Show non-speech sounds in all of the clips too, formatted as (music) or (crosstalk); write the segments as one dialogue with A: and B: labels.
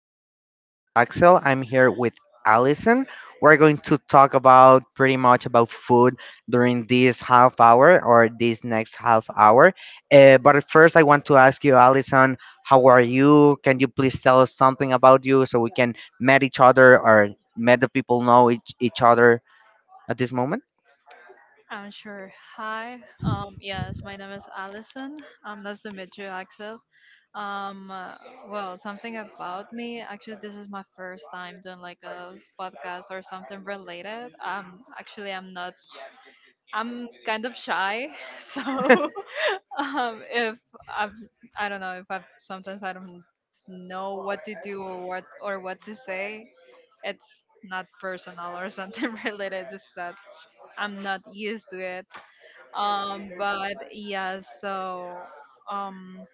A: I'm my name is Axel. I'm here with Allison. We're going to talk about pretty much about food during this half hour or this next half hour. But first, I want to ask you, Allison, how are you? Can you please tell us something about you so we can met each other or met the people know each other at this moment?
B: I'm sure. Hi. Yes, my name is Allison. Nice to meet you, Axel. Um, uh, well, something about me. Actually, this is my first time doing like a podcast or something related. Actually, I'm not. I'm kind of shy, (laughs) so (laughs) if I've, I don't know if I sometimes I don't know what to do or what to say. It's not personal or something (laughs) related. It's that I'm not used to it but yeah, so um,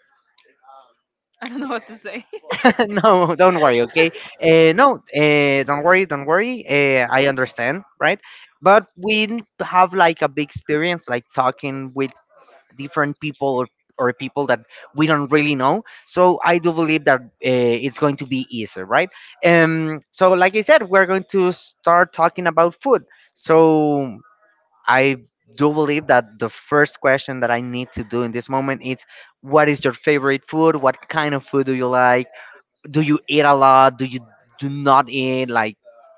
B: (laughs) I don't know what to say.
A: (laughs) No, don't worry, okay? No, don't worry, don't worry. I understand, right? But we have like a big experience, like talking with different people or people that we don't really know. So I do believe that it's going to be easier, right? Like I said, we're going to start talking about food. So I do believe that the first question that I need to do in this moment is what is your favorite food? What kind of food do you like? Do you eat a lot? Do you do not eat? Like,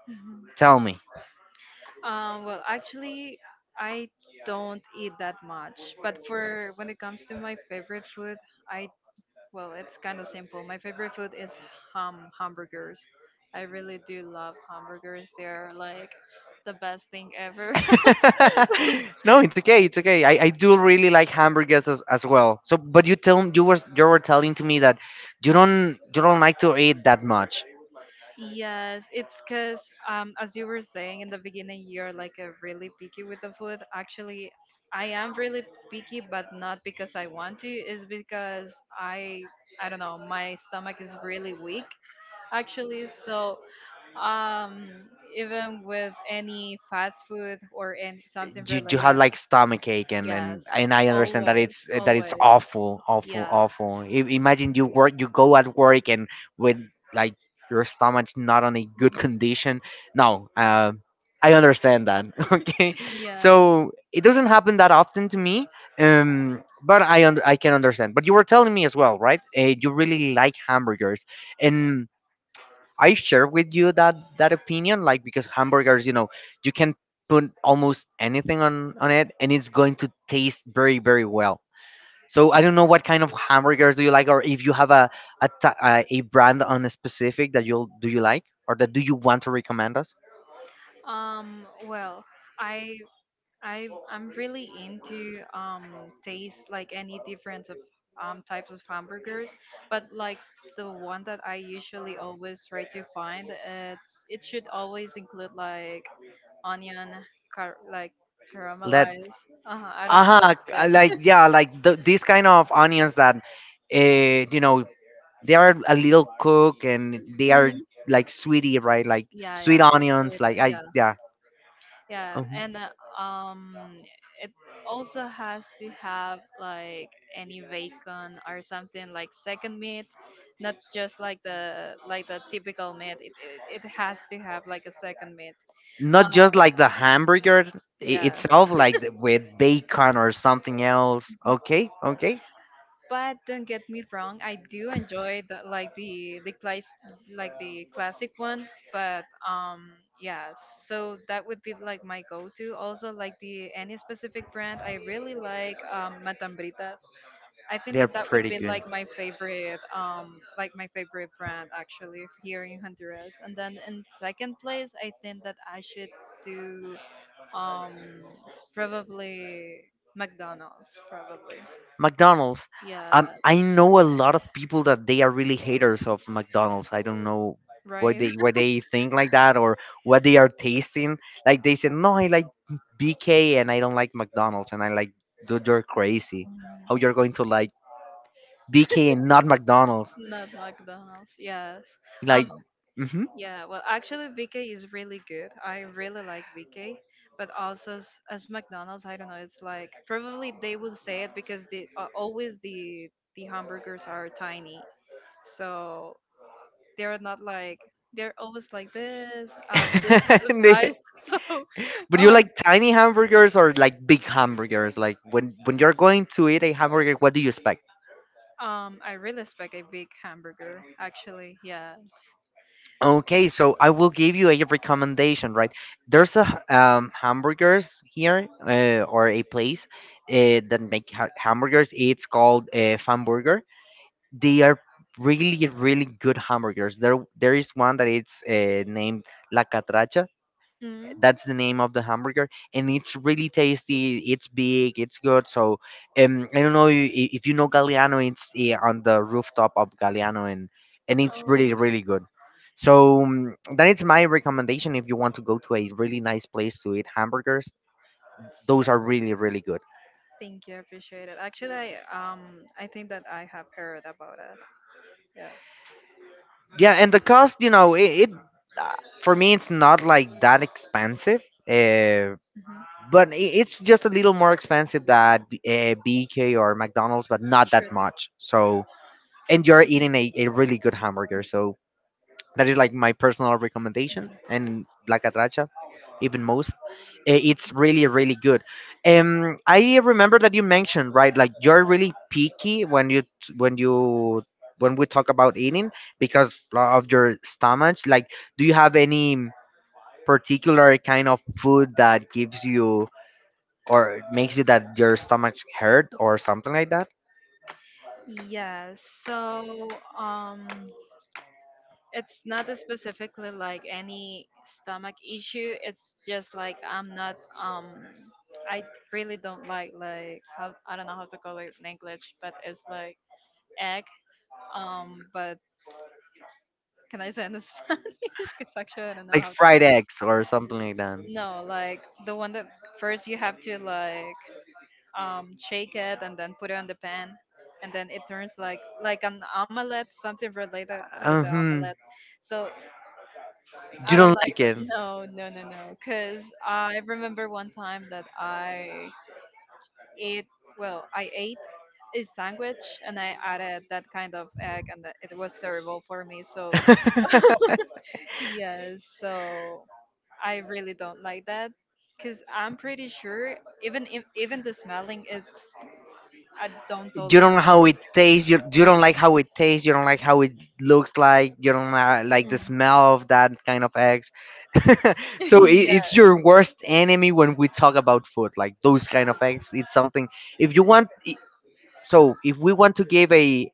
B: Mhm.
A: tell me.
B: Well, actually, I don't eat that much. But for when it comes to my favorite food, I well, it's kind of simple. My favorite food is hamburgers. I really do love hamburgers. They're like the best thing ever.
A: (laughs) No, it's okay. It's okay. I do really like hamburgers as well. So, but you were telling to me that you don't like to eat that much.
B: Yes, it's because, as you were saying in the beginning, you're like a really picky with the food. Actually, I am really picky, but not because I want to. It's because I, I don't know, my stomach is really weak. Actually, so um, even with any fast food or any something
A: You
B: related,
A: had like stomach ache, and,
B: yes,
A: and and I understand that
B: always,
A: it's
B: always,
A: awful, awful,
B: yes,
A: awful. Imagine you work, you go at work and with like your stomach not on a good condition. No, I understand that. (laughs) Okay,
B: yes.
A: so it doesn't happen that often to me, but I can understand. But you were telling me as well, right? You really like hamburgers and I share with you that that opinion, like because hamburgers, you know, you can put almost anything on it, and it's going to taste very very well. So I don't know what kind of hamburgers do you like, or if you have a brand on a specific that you like, or that do you want to recommend us?
B: Well, I I'm really into taste like any difference of types of hamburgers, but like the one that I usually always try to find, it should always include like onion, car like
A: Let
B: caramelized. I don't know how to
A: uh-huh,
B: say
A: like,
B: it.
A: yeah, like these kind of onions that you know, they are a little cook and they are
B: Mhm. (laughs)
A: like sweetie, right? Like
B: Yeah, yeah,
A: sweet
B: like sweet.
A: onions like I,
B: Yeah.
A: yeah.
B: Yeah,
A: Uh-huh.
B: and um, it also has to have like any bacon or something like second meat, not just like the typical meat. It has to have like a second meat.
A: Not just
B: Um,
A: like the hamburger
B: yeah.
A: itself, like with bacon or something else.
B: Mhm.
A: Okay,
B: (laughs)
A: okay,
B: But don't get me wrong, I do enjoy the, like the class like the classic one. But yeah, so that would be like my go-to. Also like the any specific brand, I really like Matambritas. I think
A: they're
B: that that would
A: pretty
B: be
A: good.
B: like my favorite brand actually here in Honduras. And then in second place, I think that I should do um probably McDonald's probably.
A: McDonald's.
B: Yeah,
A: I know a lot of people that they are really haters of McDonald's. I don't know
B: right.
A: why they think like that or what they are tasting. Like they said, no, I like BK and I don't like McDonald's, and I like, dude, you're crazy. How you're going to like BK and not McDonald's?
B: Not McDonald's. Yes.
A: Like,
B: Um.
A: mm-hmm.
B: Yeah. Well, actually, BK is really good. I really like BK, but also as McDonald's, I don't know. It's like probably they would say it because the always the hamburgers are tiny, so they're not like they're always like this kind of size. (laughs)
A: (laughs)
B: So
A: But you
B: um
A: like tiny hamburgers or like big hamburgers? Like when you're going to eat a hamburger, what do you expect?
B: I really expect a big hamburger actually. Yeah.
A: Okay, so I will give you a recommendation, right? There's a hamburgers here or a place that make hamburgers. It's called Famburger. They are really really good hamburgers. There is one that it's named La Catracha.
B: Mm.
A: That's the name of the hamburger, and it's really tasty. It's big, it's good. So, I don't know if you know Galliano. It's eh, on the rooftop of Galliano, and it's really
B: Oh.
A: really good. So that is my recommendation. If you want to go to a really nice place to eat hamburgers, those are really really good.
B: Thank you, I appreciate it. Actually, um I think that I have heard about it. Yeah.
A: Yeah, and the cost, you know, it uh, for me it's not like that expensive. Uh,
B: Hmm.
A: but it's just a little more expensive than BK or McDonald's, but not
B: Sure
A: that much. So, and you're eating a really good hamburger. So that is like my personal recommendation. And La Catracha, even most, eh, it's really really good. I remember that you mentioned right, like you're really picky when you when we talk about eating because of your stomach. Like, do you have any particular kind of food that gives you? Or it makes you that your stomach hurt or something like that,
B: thing. Yes. So it's not specifically like any stomach issue. It's just like I really don't like how I don't know how to call it in English, but it's like egg. But can I say in (laughs) Spanish? Because actually I don't know
A: like
B: how to say
A: fried
B: it.
A: eggs or something like that?
B: No, like the one that first you have to shake it, and then put it on the pan, and then it turns like an omelette, something related with the
A: Um,
B: omelette. So
A: you
B: I don't
A: don't
B: like
A: like
B: that.
A: it.
B: No, no, no, no. Because I remember one time that ate, well, I ate a sandwich and I added that kind of egg, and it was terrible for me. So,
A: (laughs)
B: yes, so I really don't like that. Cause I'm pretty sure even if, even the smelling it's I don't
A: You
B: tolerate.
A: don't know how it tastes, you don't like how it tastes, you don't like how it looks like, you don't like the
B: Mhm.
A: smell of that kind of eggs. (laughs)
B: (laughs)
A: So,
B: Yeah,
A: it's your worst enemy when we talk about food. Like those kind of eggs, it's something if you want I- so if we want to give a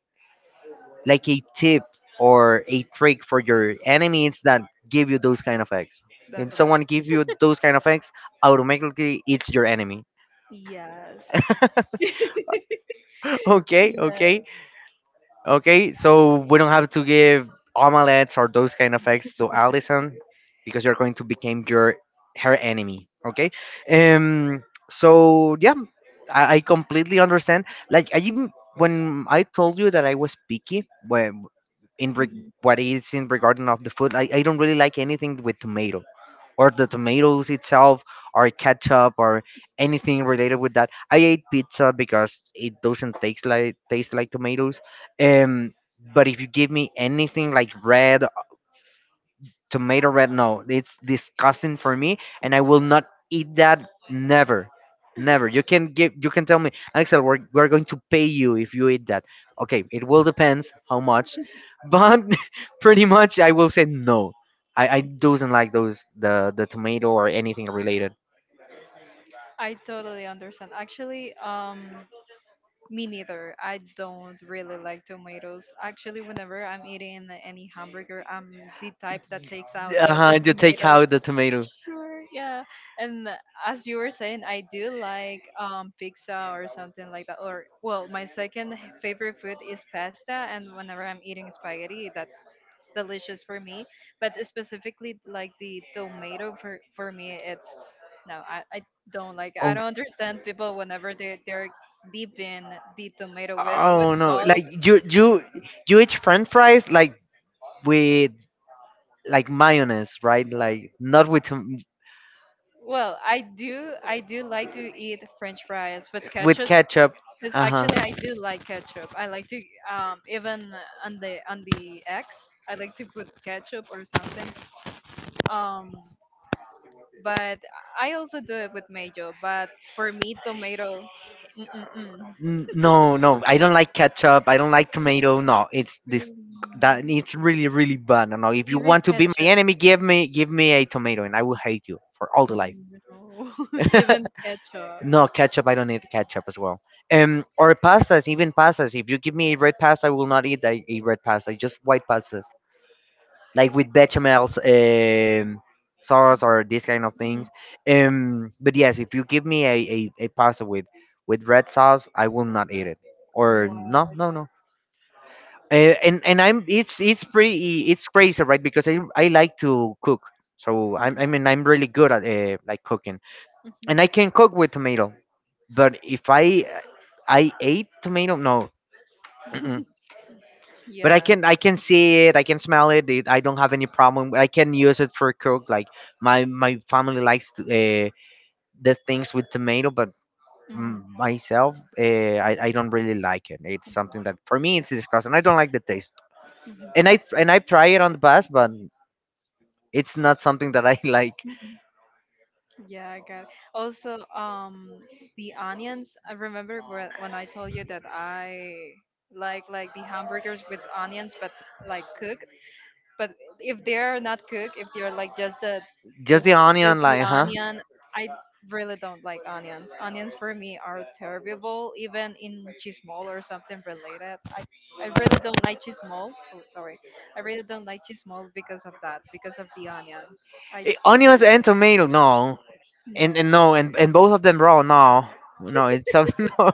A: like a tip or a trick for your enemies that give you those kind of eggs, if someone give you those kind of eggs, automatically it's your enemy.
B: yes,
A: (laughs) Okay, okay.
B: yes.
A: Okay, so we don't have to give omelets or those kind of eggs to Allison because you're going to become your her enemy. Okay. So yeah, I completely understand. Like I even when I told you that I was picky, when
B: Mhm.
A: what is in regarding of the food, I don't really like anything with tomato or the tomatoes itself or ketchup or anything related with that. I ate pizza because it doesn't taste like tomatoes. Um, but if you give me anything like red, tomato red, no, it's disgusting for me and I will not eat that, never, never. You can tell me, Axel, we're going to pay you if you eat that. Okay, it will depends how much, but (laughs) pretty much I will say no. I doesn't like those, the tomato or anything related.
B: I totally understand. Actually, me neither. I don't really like tomatoes. Actually, whenever I'm eating any hamburger, I'm the type that takes out the
A: Uh-huh, you take
B: tomato.
A: out the tomato.
B: Sure, yeah. And as you were saying, I do like pizza or something like that. Or well, my second favorite food is pasta, and whenever I'm eating spaghetti, that's delicious for me. But specifically, like the tomato for me, it's no, I don't like. I
A: Oh,
B: don't understand people whenever they're deep in the tomato with
A: oh no,
B: salt.
A: like you eat french fries like with like mayonnaise, right? Like not with
B: Well, I do like to eat French fries with
A: with
B: ketchup.
A: ketchup.
B: Because
A: Uh huh.
B: actually, I do like ketchup. I like to even on the X, I like to put ketchup or something. Um, but I also do it with mayo. But for me, tomato, mm-mm-mm.
A: No, no, I don't like ketchup, I don't like tomato, no, it's this,
B: Really,
A: that it's really really bad. No, no, if you
B: even
A: want to be my
B: ketchup,
A: enemy, give me a tomato and I will hate you for all the life.
B: no, (laughs) even ketchup.
A: No ketchup, I don't eat ketchup as well. Um, or pastas, even pastas, if you give me a red pasta I will not eat a red pasta, just white pastas like with bechamels, sauce, or these kind of
B: Mhm.
A: things. But yes, if you give me a pasta with red sauce, I will not eat it. Or no,
B: Wow.
A: no, no. And I'm it's pretty, it's crazy, right? Because I like to cook, so I'm I mean I'm really good at like cooking,
B: Mhm. Mhm.
A: and I can cook with tomato. But if I I ate tomato, no. (clears throat) But
B: Yeah.
A: I can see it. I can smell it. I don't have any problem. I can use it for cook. Like my family likes to, the things with tomato, but mm, myself I
B: Mhm.
A: don't really like it. It's something that for me it's disgusting, I don't like the taste,
B: Mhm.
A: and I try it on the past, but it's not something that I (laughs) like.
B: Mhm. Yeah, I got it. Also, the onions. I remember when I told you that I like the hamburgers with onions, but like cooked. But if they're not cooked, if they're like the
A: Just the
B: s- just
A: onion
B: the
A: like, huh?
B: onion, I really don't like onions, for me, are terrible even in chismol or something related, I really don't like chismol. Oh, sorry. I really don't like chismol because of that, because of the onion. I
A: Eh,
B: really,
A: onions and tomato, no, and, and
B: no.
A: no and, and both of them raw, no, no, it's something. (laughs)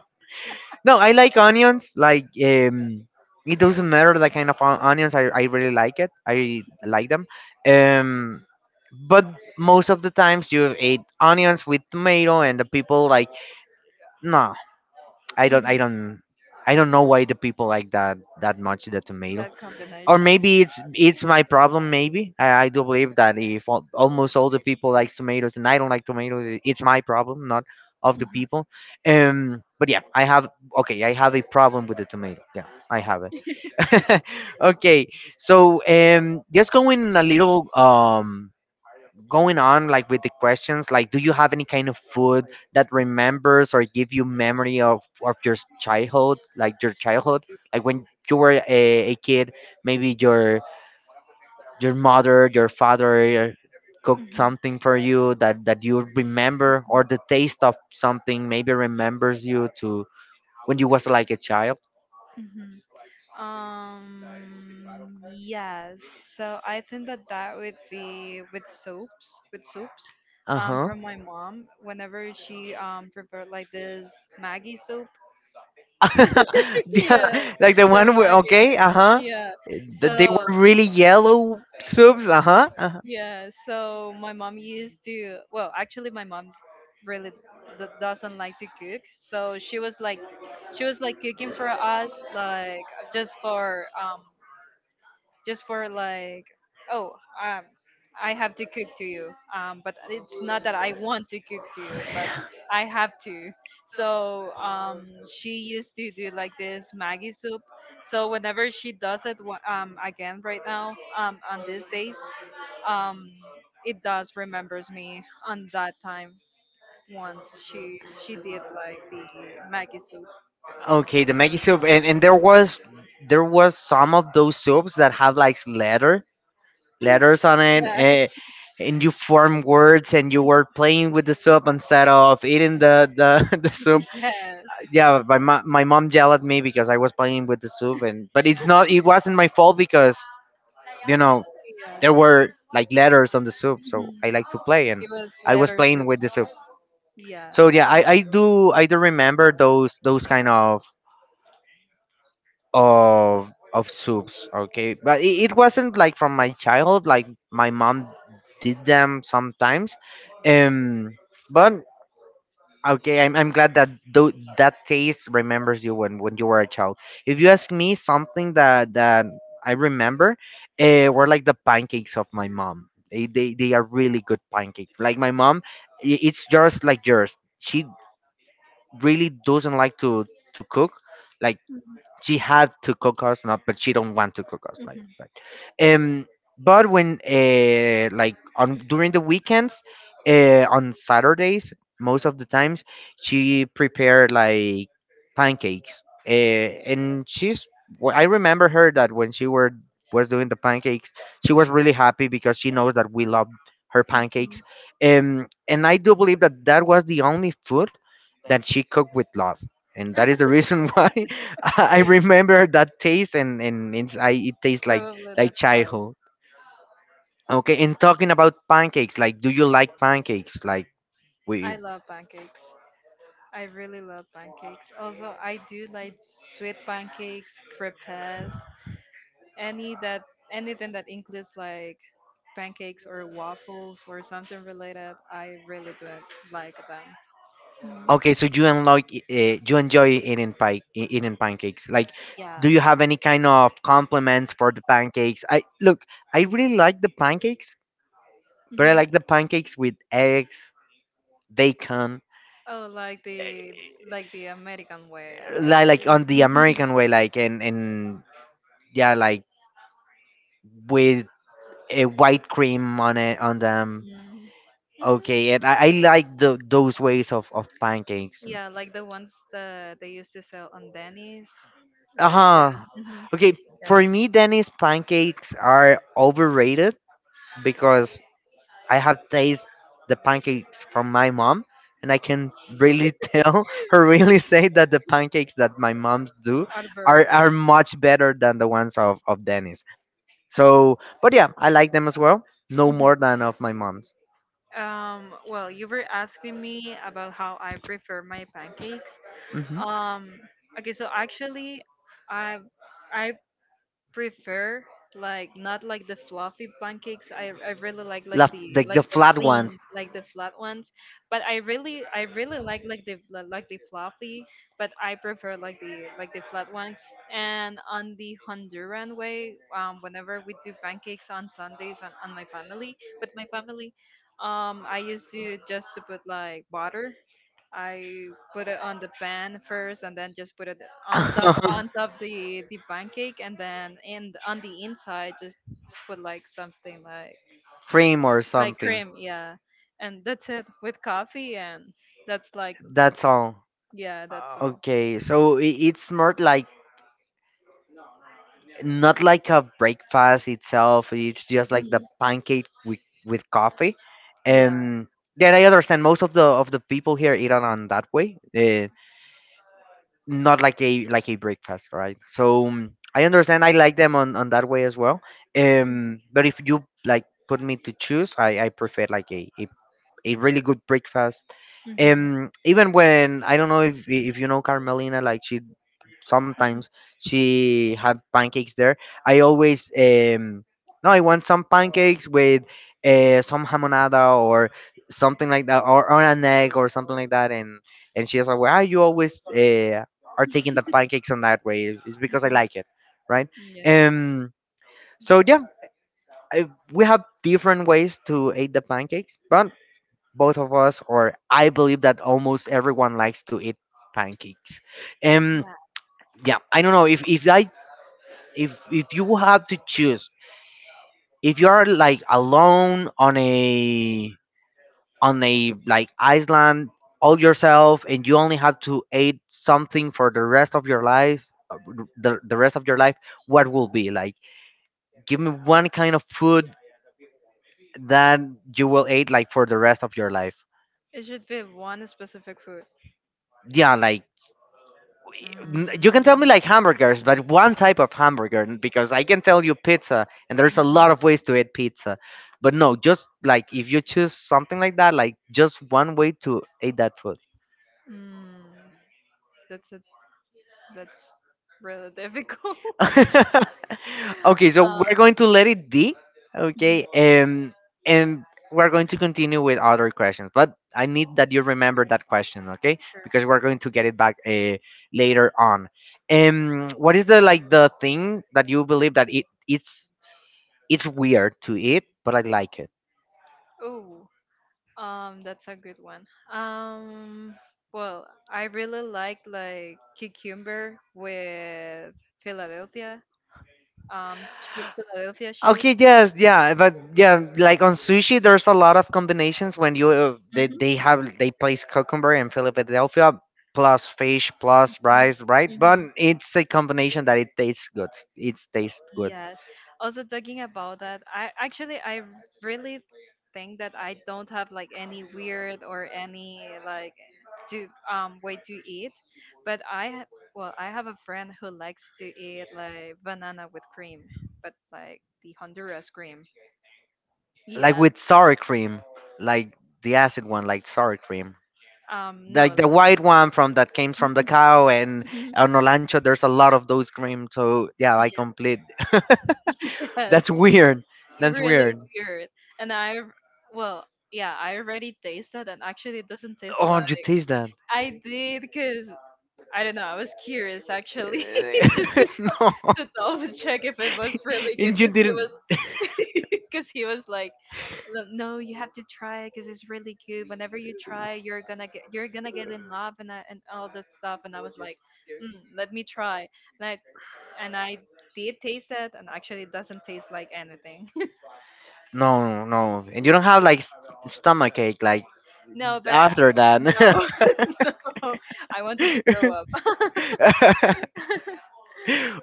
A: No, I like onions. Like it doesn't matter the kind of onions. I really like it. I like them. Um, but most of the times you eat onions with tomato, and the people like no. I don't. I
B: Mhm.
A: don't. I don't know why the people like that much the tomato.
B: That
A: Or
B: combination.
A: maybe it's my problem. Maybe I do believe that if almost all the people likes tomatoes and I don't like tomatoes, it's my problem, not of the
B: Mhm.
A: people. But yeah, I have a problem with the tomato. Yeah, I have it. (laughs) Okay, so just going a little going on like with the questions, like, do you have any kind of food that remembers or give you memory of your childhood, like your childhood, like when you were a kid, maybe your mother, your father cooked
B: Mhm.
A: something for you that you remember, or the taste of something maybe remembers you to when you was like a child?
B: Mhm. Um, yes. So I think that that would be with soups, with soups.
A: Uh-huh.
B: From my mom, whenever she prepared like this Maggie soup,
A: (laughs)
B: (laughs)
A: Yeah,
B: yeah,
A: like the
B: like the
A: one where,
B: Maggie.
A: okay, uh-huh,
B: Yeah.
A: that they
B: So
A: were really yellow soups. Uh-huh.
B: yeah, so my mom used to. Well, actually, my mom really doesn't like to cook. So she was like cooking for us, like just for like, oh, um I have to cook to you, but it's not that I want to cook to you, but I have to. So she used to do like this Maggie soup. So whenever she does it again right now, on these days, um it does remembers me on that time once she did like the Maggie soup.
A: Okay, the Maggie soup, and there was some of those soups that have like
B: (laughs) Yes.
A: letters on it, eh,
B: (laughs)
A: and you form words, and you were playing with the soup instead of eating (laughs) the soup.
B: Yes, yeah.
A: Yeah, my mom yelled at me because I was playing with the soup, and but it wasn't my fault because you know there
B: Yeah.
A: were like letters on the soup, so
B: Mhm.
A: I like to play, and
B: It was
A: I was
B: letter
A: playing
B: soup.
A: with the soup.
B: Yeah.
A: So yeah, I do remember those kind of soups. Okay, but it wasn't like from my childhood, like my mom did them sometimes. um but okay, I'm glad that that taste remembers you when you were a child. If you ask me something that I remember, were like the pancakes of my mom. They are really good pancakes. Like my mom, it's just like yours, she really doesn't like to cook. Like,
B: Mhm,
A: she had to cook us, not but she don't want to cook us, right,
B: mhm,
A: right. um but when, like on during the weekends, on Saturdays most of the times she prepared like pancakes, and I remember her that when she were was doing the pancakes, she was really happy because she knows that we love her pancakes.
B: mhm.
A: And I do believe that that was the only food that she cooked with love, and that is the reason (laughs) why (laughs) I remember that taste. And it tastes like
B: Probably
A: like
B: that's why.
A: childhood. Okay, and talking about pancakes, like, do you like pancakes? Like, we
B: I love pancakes. I really love pancakes. Also, I do like sweet pancakes, crepes, any that anything that includes like pancakes or waffles or something related. I really do like them.
A: okay,
B: Mhm.
A: so you enjoy eating pancakes. Like,
B: Yeah.
A: do you have any kind of compliments for the pancakes? I really like the pancakes, but I
B: Mhm.
A: like the pancakes with eggs, bacon,
B: Oh, like the American way, like.
A: like on the American way, like, and yeah, like with a white cream on them.
B: Mhm. Mm.
A: Okay, and
B: (laughs)
A: I like the those ways of pancakes.
B: Yeah, like the ones that they used to sell on Denny's, like,
A: Uh-huh. Okay,
B: yeah,
A: for me, Dennis, pancakes are overrated because I have tasted the pancakes from my mom, and I can really (laughs) tell her really say that the pancakes that my mom do are,
B: Arborg.
A: are much better than the ones of Dennis. So, but yeah, I like them as well. No
B: Mhm.
A: more than of my mom's.
B: Well, you were asking me about how I prefer my pancakes.
A: Mm-hmm.
B: Um, okay, so actually, I I prefer like, not like the fluffy pancakes. I really like
A: Like the,
B: like
A: the
B: the
A: flat ones.
B: thin, like the flat ones. But I really like the fluffy, but I prefer like the flat ones. And on the Honduran way, whenever we do pancakes on Sundays, on my family with my family, I used to just to put like butter. I put it on the pan first, and then just put it on top,
A: (laughs)
B: the pancake, and then in on the inside just put like something
A: Cream or
B: like
A: something.
B: cream, yeah, and that's it with coffee, and that's like,
A: That's all.
B: yeah, that's all.
A: Okay, so it's more like not like a breakfast itself. It's just like the
B: Mhm.
A: pancake with coffee.
B: Yeah.
A: Um, yeah, I understand. Most of the people here eat it on that way. Not like a breakfast, right? So I understand. I like them on that way as well.
B: Mhm.
A: But if you like put me to choose, I prefer like a really good breakfast.
B: Mhm. Mhm.
A: Even when I don't know if you know Carmelina, like sometimes she have pancakes there. I always no, I want some pancakes with some hamonada or something like that, or an egg or something like that. And she's like, "Why you always are taking the pancakes on that way? It's because I
B: Mhm.
A: like it, right?"
B: Yeah.
A: Um. So yeah, I, we have different ways to eat the pancakes, but both of us, or I believe that almost everyone likes to eat pancakes. Um,
B: Yeah.
A: yeah, I don't know if I if you have to choose, if you are like alone on a like island all yourself, and you only have to eat something for the rest of your life, the rest of your life, what will be like? Give me one kind of food that you will eat like for the rest of your life.
B: It should be one specific food.
A: Yeah, like
B: Mm.
A: you can tell me like hamburgers, but one type of hamburger, because I can tell you pizza, and there's a lot of ways to eat pizza. But no, just like if you choose something like that, like just one way to eat that food.
B: Mm. That's it. That's really (laughs) difficult.
A: (laughs) Okay, so
B: Uh,
A: we're going to let it be. Okay,
B: mhm,
A: and we're going to continue with other questions, but I need that you remember
B: sure,
A: that question, okay?
B: sure.
A: Because we're going to get it back, later on. What is the like the thing that you believe that it's weird to eat, but I like it.
B: Oh, that's a good one. Um, well, I really like cucumber with Philadelphia, Philadelphia cheese.
A: Okay, yes, yeah, but yeah, like on sushi, there's a lot of combinations when you they,
B: Mm-hmm, mm-hmm.
A: they have they place cucumber and Philadelphia plus fish plus rice, right? But it's a combination that it tastes good. It tastes good,
B: Yes. Also talking about that, I really think that I don't have like any weird or any like to way to eat, but I Well, I have a friend who likes to eat like banana with cream, but like the Honduras cream.
A: like
B: Yeah.
A: with sour cream, like the acid one, like sour cream, like
B: No.
A: the white one from that came from the
B: (laughs)
A: cow. And on Olancho, there's a lot of those cream. So yeah, I
B: Yeah.
A: complete.
B: (laughs)
A: That's
B: Yes.
A: weird. That's
B: Really
A: weird.
B: weird. And I, well, yeah, I already tasted, and actually it doesn't taste
A: Oh,
B: like.
A: you taste that?
B: I did because I don't know. I was curious actually, (laughs) just
A: (laughs) No.
B: to double check if it was
A: (laughs)
B: really good
A: And you
B: because he
A: didn't.
B: was (laughs) because he was like, "Look, no, you have to try because it's really good. Whenever you try, you're gonna get, in love, and and all that stuff." And I was like, mm, let me try. And I did taste it, and actually it doesn't taste like anything.
A: No, no, no. And you don't have like stomach ache like
B: No, but I
A: after that.
B: no, (laughs) I wanted to throw up.
A: (laughs)
B: (laughs)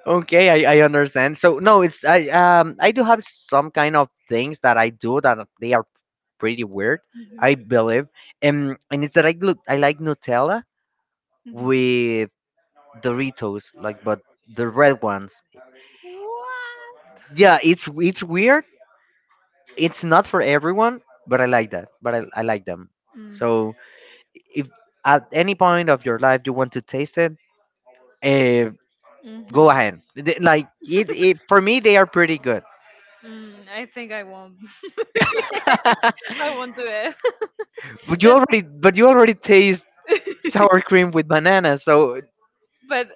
A: Okay, I understand. So no, it's I do have some kind of things that I do that they are pretty weird,
B: Mhm,
A: I believe. And it's that I like Nutella
B: mhm.
A: with Doritos, like but the red ones.
B: What?
A: Yeah, it's weird. It's not for everyone, but I like that. But I like them.
B: Mm.
A: So if at any point of your life you want to taste it, eh,
B: Mhm.
A: go ahead. Like it for me they are pretty good.
B: Mm, I think I won't.
A: (laughs)
B: I won't do it.
A: But
B: (laughs)
A: you
B: That's
A: already but you already taste sour cream with banana, so
B: But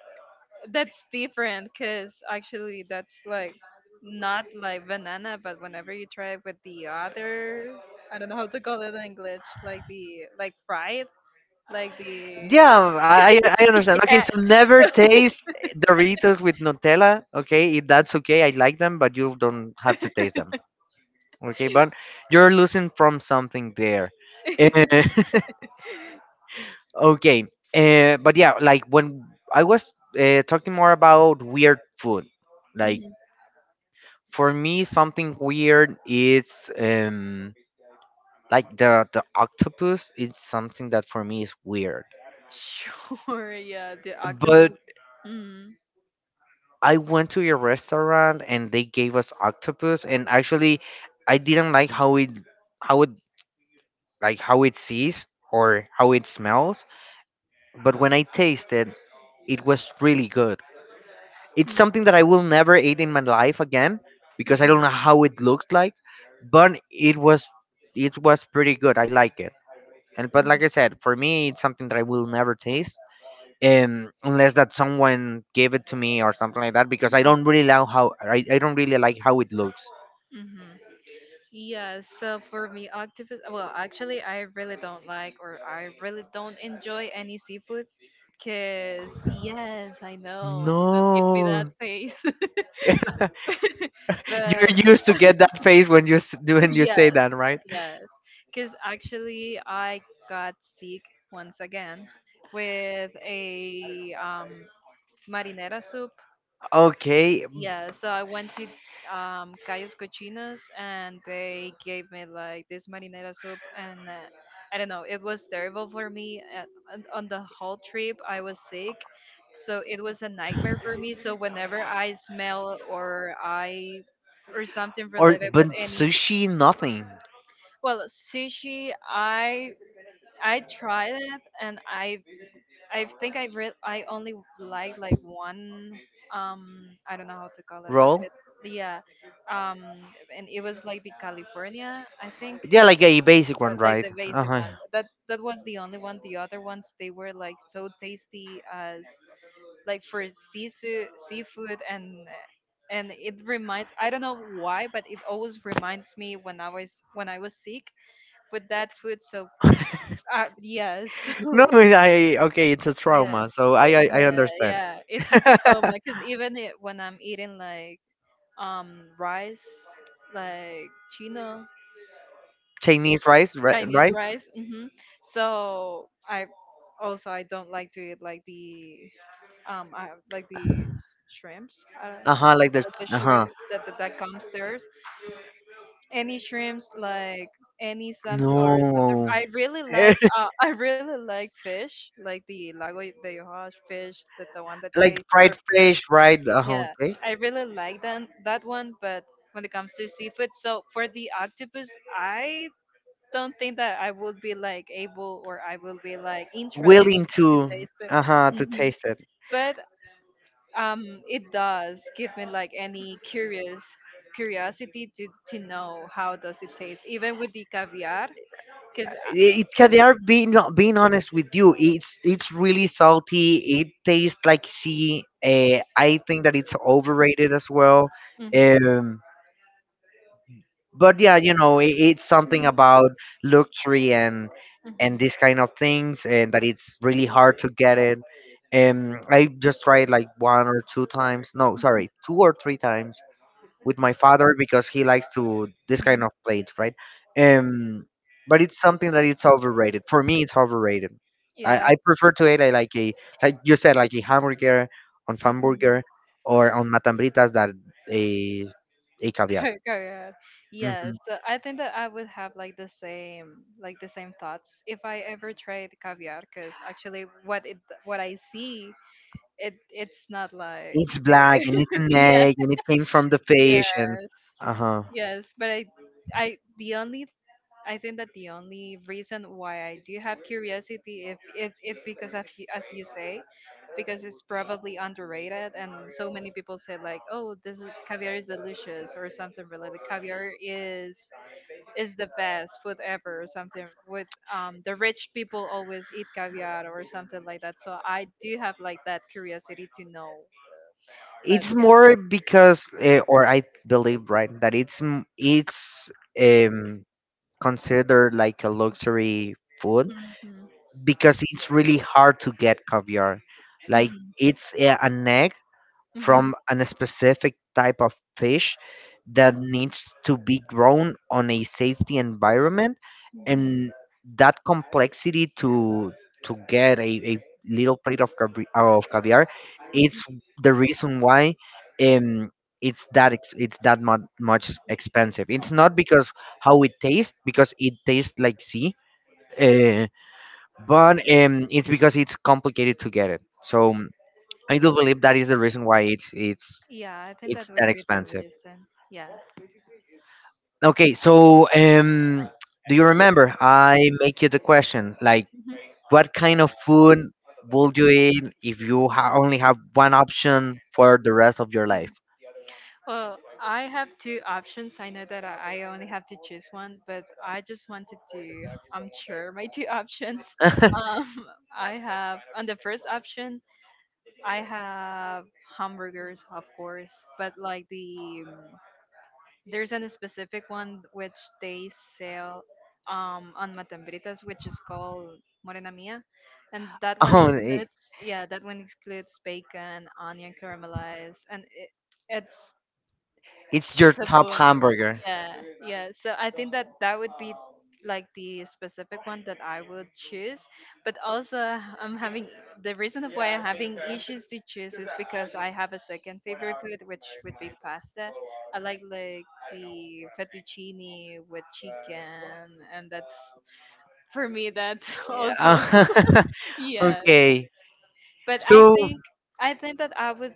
B: that's different because actually that's like not like banana, but whenever you try it with the other, I don't know how to call it in English, like the like fried, like the,
A: yeah, I understand. Okay,
B: yeah.
A: so never taste Doritos with Nutella. Okay, if that's okay. I like them, but you don't have to taste them. Okay, but you're losing from something there.
B: (laughs)
A: (laughs) Okay, but yeah, like when I was talking more about weird food, like
B: Mhm.
A: for me something weird is like the octopus is something that for me is weird.
B: Sure, yeah, the octopus.
A: But.
B: Mm-hmm.
A: I went to a restaurant and they gave us octopus, and actually, I didn't like how it how it sees or how it smells. But when I tasted, it was really good. It's something that I will never eat in my life again because I don't know how it looks like, but it was pretty good. I like it. And but like I said, for me, it's something that I will never taste, unless that someone gave it to me or something like that because I don't really like how I don't really like how it looks.
B: Mm-hmm. Yeah, so for me, octopus, well, actually, I really don't like or I really don't enjoy any seafood. Because, yes, I know, don't give me that
A: No,
B: face.
A: (laughs) you're
B: (laughs) But,
A: used to get that face when you s- do
B: (laughs)
A: when you say
B: yes,
A: that, right?
B: yes. Because actually, I got sick once again with a marinara soup.
A: Okay,
B: Yeah, so I went to Calles Cochinos and they gave me like this marinara soup and I don't know, it was terrible for me and on the whole trip I was sick. So it was a nightmare for me. So whenever I smell or something
A: or
B: related with
A: but
B: any
A: sushi nothing
B: well, sushi, I tried it and I think I only like one I don't know how to call it but
A: roll.
B: it yeah um and it was like the California I think
A: Yeah, like a basic one,
B: like
A: right?
B: the
A: Uh
B: basic
A: huh.
B: one that was the only one the other ones they were like so tasty as like for sisu seafood and it reminds I don't know why but it always reminds me when I was sick with that food so yeah (laughs) so
A: No, I, okay, it's a
B: yeah.
A: trauma, so I
B: Yeah, (laughs)
A: understand.
B: yeah, it's a (laughs)
A: (laughs)
B: trauma because even it, when I'm eating like rice, like Chino
A: Chinese rice, ri-
B: Chinese
A: right?
B: rice, so I also I don't like to eat like the like the shrimps, I, don't-
A: Uh huh, like the
B: like the
A: uh
B: shrimp
A: huh.
B: that comes there. Any shrimps, like any some or something.
A: No, (laughs)
B: I really like fish, like the lago de Hoja fish, that the one that
A: like
B: they serve
A: fried
B: there.
A: fish, right? Uh huh.
B: Yeah,
A: Okay,
B: I really like that one, but when it comes to seafood, so for the octopus, I don't think that I would be like able or I will be like interested
A: willing
B: to
A: to
B: taste it.
A: uh huh to
B: Hmm.
A: taste it.
B: But it does give me like any curious curiosity to know how does it taste, even with the caviar, because
A: It, it
B: with
A: they are being honest with you. It's really salty. It tastes like sea. I think that it's overrated as well.
B: mhm,
A: Um. But yeah, it's something about luxury and
B: mhm,
A: these kind of things, and that it's really hard to get it, and I just tried like one or two times, no sorry, two or three times with my father because he likes to this kind
B: mhm,
A: of plates, right? um but it's something that it's overrated. For me it's overrated. i,
B: yeah,
A: I prefer to eat like a, like you said, like a hamburger, on
B: mhm.
A: hamburger or on matambritas, that a a caviar.
B: Cor- Correct.
A: Mm-hmm.
B: Yes, so I think that I would have like the same thoughts if I ever tried caviar because actually what it what I see it it's not like
A: It's black and it's
B: (laughs)
A: an
B: yeah,
A: egg and it came from the
B: yes,
A: fish and uh huh.
B: yes, but I the only I think that the only reason why I do have curiosity if because of, you- as you say, because it's probably underrated and so many people say like, oh, this is, caviar is delicious or something related. Caviar is the best food ever or something. With the rich people always eat caviar or something like that. So I do have like that curiosity to know. But
A: It's
B: yeah.
A: more because, or I believe, right, that it's um considered like a luxury food
B: Mhm.
A: because it's really hard to get caviar. Like, it's an egg
B: Mhm.
A: from a specific type of fish that needs to be grown on a safety environment,
B: Mhm.
A: and that complexity to get a little plate of caviar, it's the reason why, um it's that much expensive. It's not because how it tastes because it tastes like sea, uh, but it's because it's complicated to get it, so I do believe that is the reason why it's it's
B: Yeah, I think that
A: it's
B: would
A: that
B: be the
A: expensive.
B: reason. Yeah.
A: Okay, so do you remember I make you the question like
B: Mhm.
A: what kind of food would you eat if you only have one option for the rest of your life?
B: Well, I have two options. I know that I only have to choose one, but I just wanted to share my two options.
A: (laughs) Oh,
B: Um, (laughs) I have on the first option, I have hamburgers, of course, but like the there's a specific one which they sell on Matambritas, which is called Morena Mia, and that one okay,
A: i-
B: includes yeah, that one includes bacon, onion caramelized, and it, it's
A: it's your
B: it's a
A: top
B: boom,
A: hamburger.
B: yeah, yeah, so I think that that would be like the specific one that I would choose, but also I'm having the reason of why I'm having issues to choose is because I have a second favorite food which would be pasta. I like the fettuccine with chicken and that's for me that's (laughs) also
A: Yeah. (laughs)
B: yes
A: Okay.
B: but I
A: So
B: think I think that I would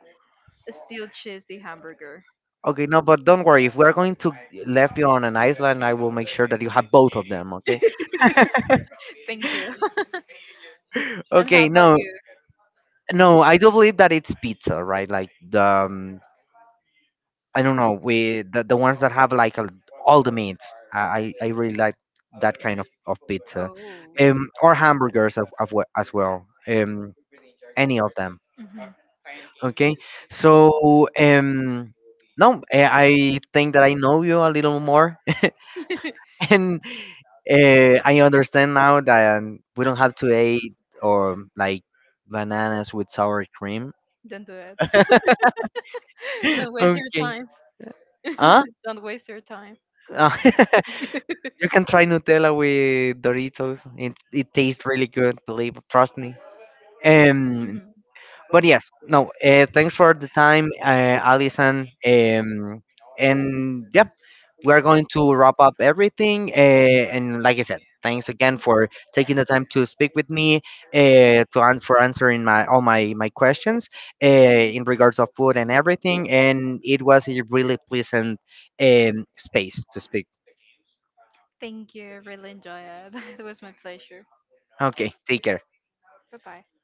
B: still choose the hamburger.
A: okay, no, but don't worry. If we're going to left you on an island, I will make sure that you have both of them. Okay.
B: (laughs) Thank you. (laughs) And how
A: Okay.
B: about
A: No, no, I do believe that it's pizza, right? Like the I don't know, the ones that have like all the meats. I really like that kind
B: you?
A: of pizza, or hamburgers as well. Any of them.
B: Mhm.
A: Okay, so no, I think that I know you a little more, (laughs) and I understand now that we don't have to eat or like bananas with sour cream.
B: Don't do it.
A: (laughs)
B: (laughs) Don't waste your
A: Okay,
B: time.
A: huh?
B: (laughs) Don't waste your time.
A: Uh, (laughs) you can try Nutella with Doritos. It tastes really good, believe trust me. Um,
B: Mhm.
A: but yes, no. Thanks for the time, Alison. And yep, we are going to wrap up everything. And like I said, thanks again for taking the time to speak with me, for answering my all my my questions, in regards of food and everything. And it was a really pleasant space to speak.
B: Thank you. Really enjoy it. (laughs) It was my pleasure.
A: Okay, take care.
B: Bye bye.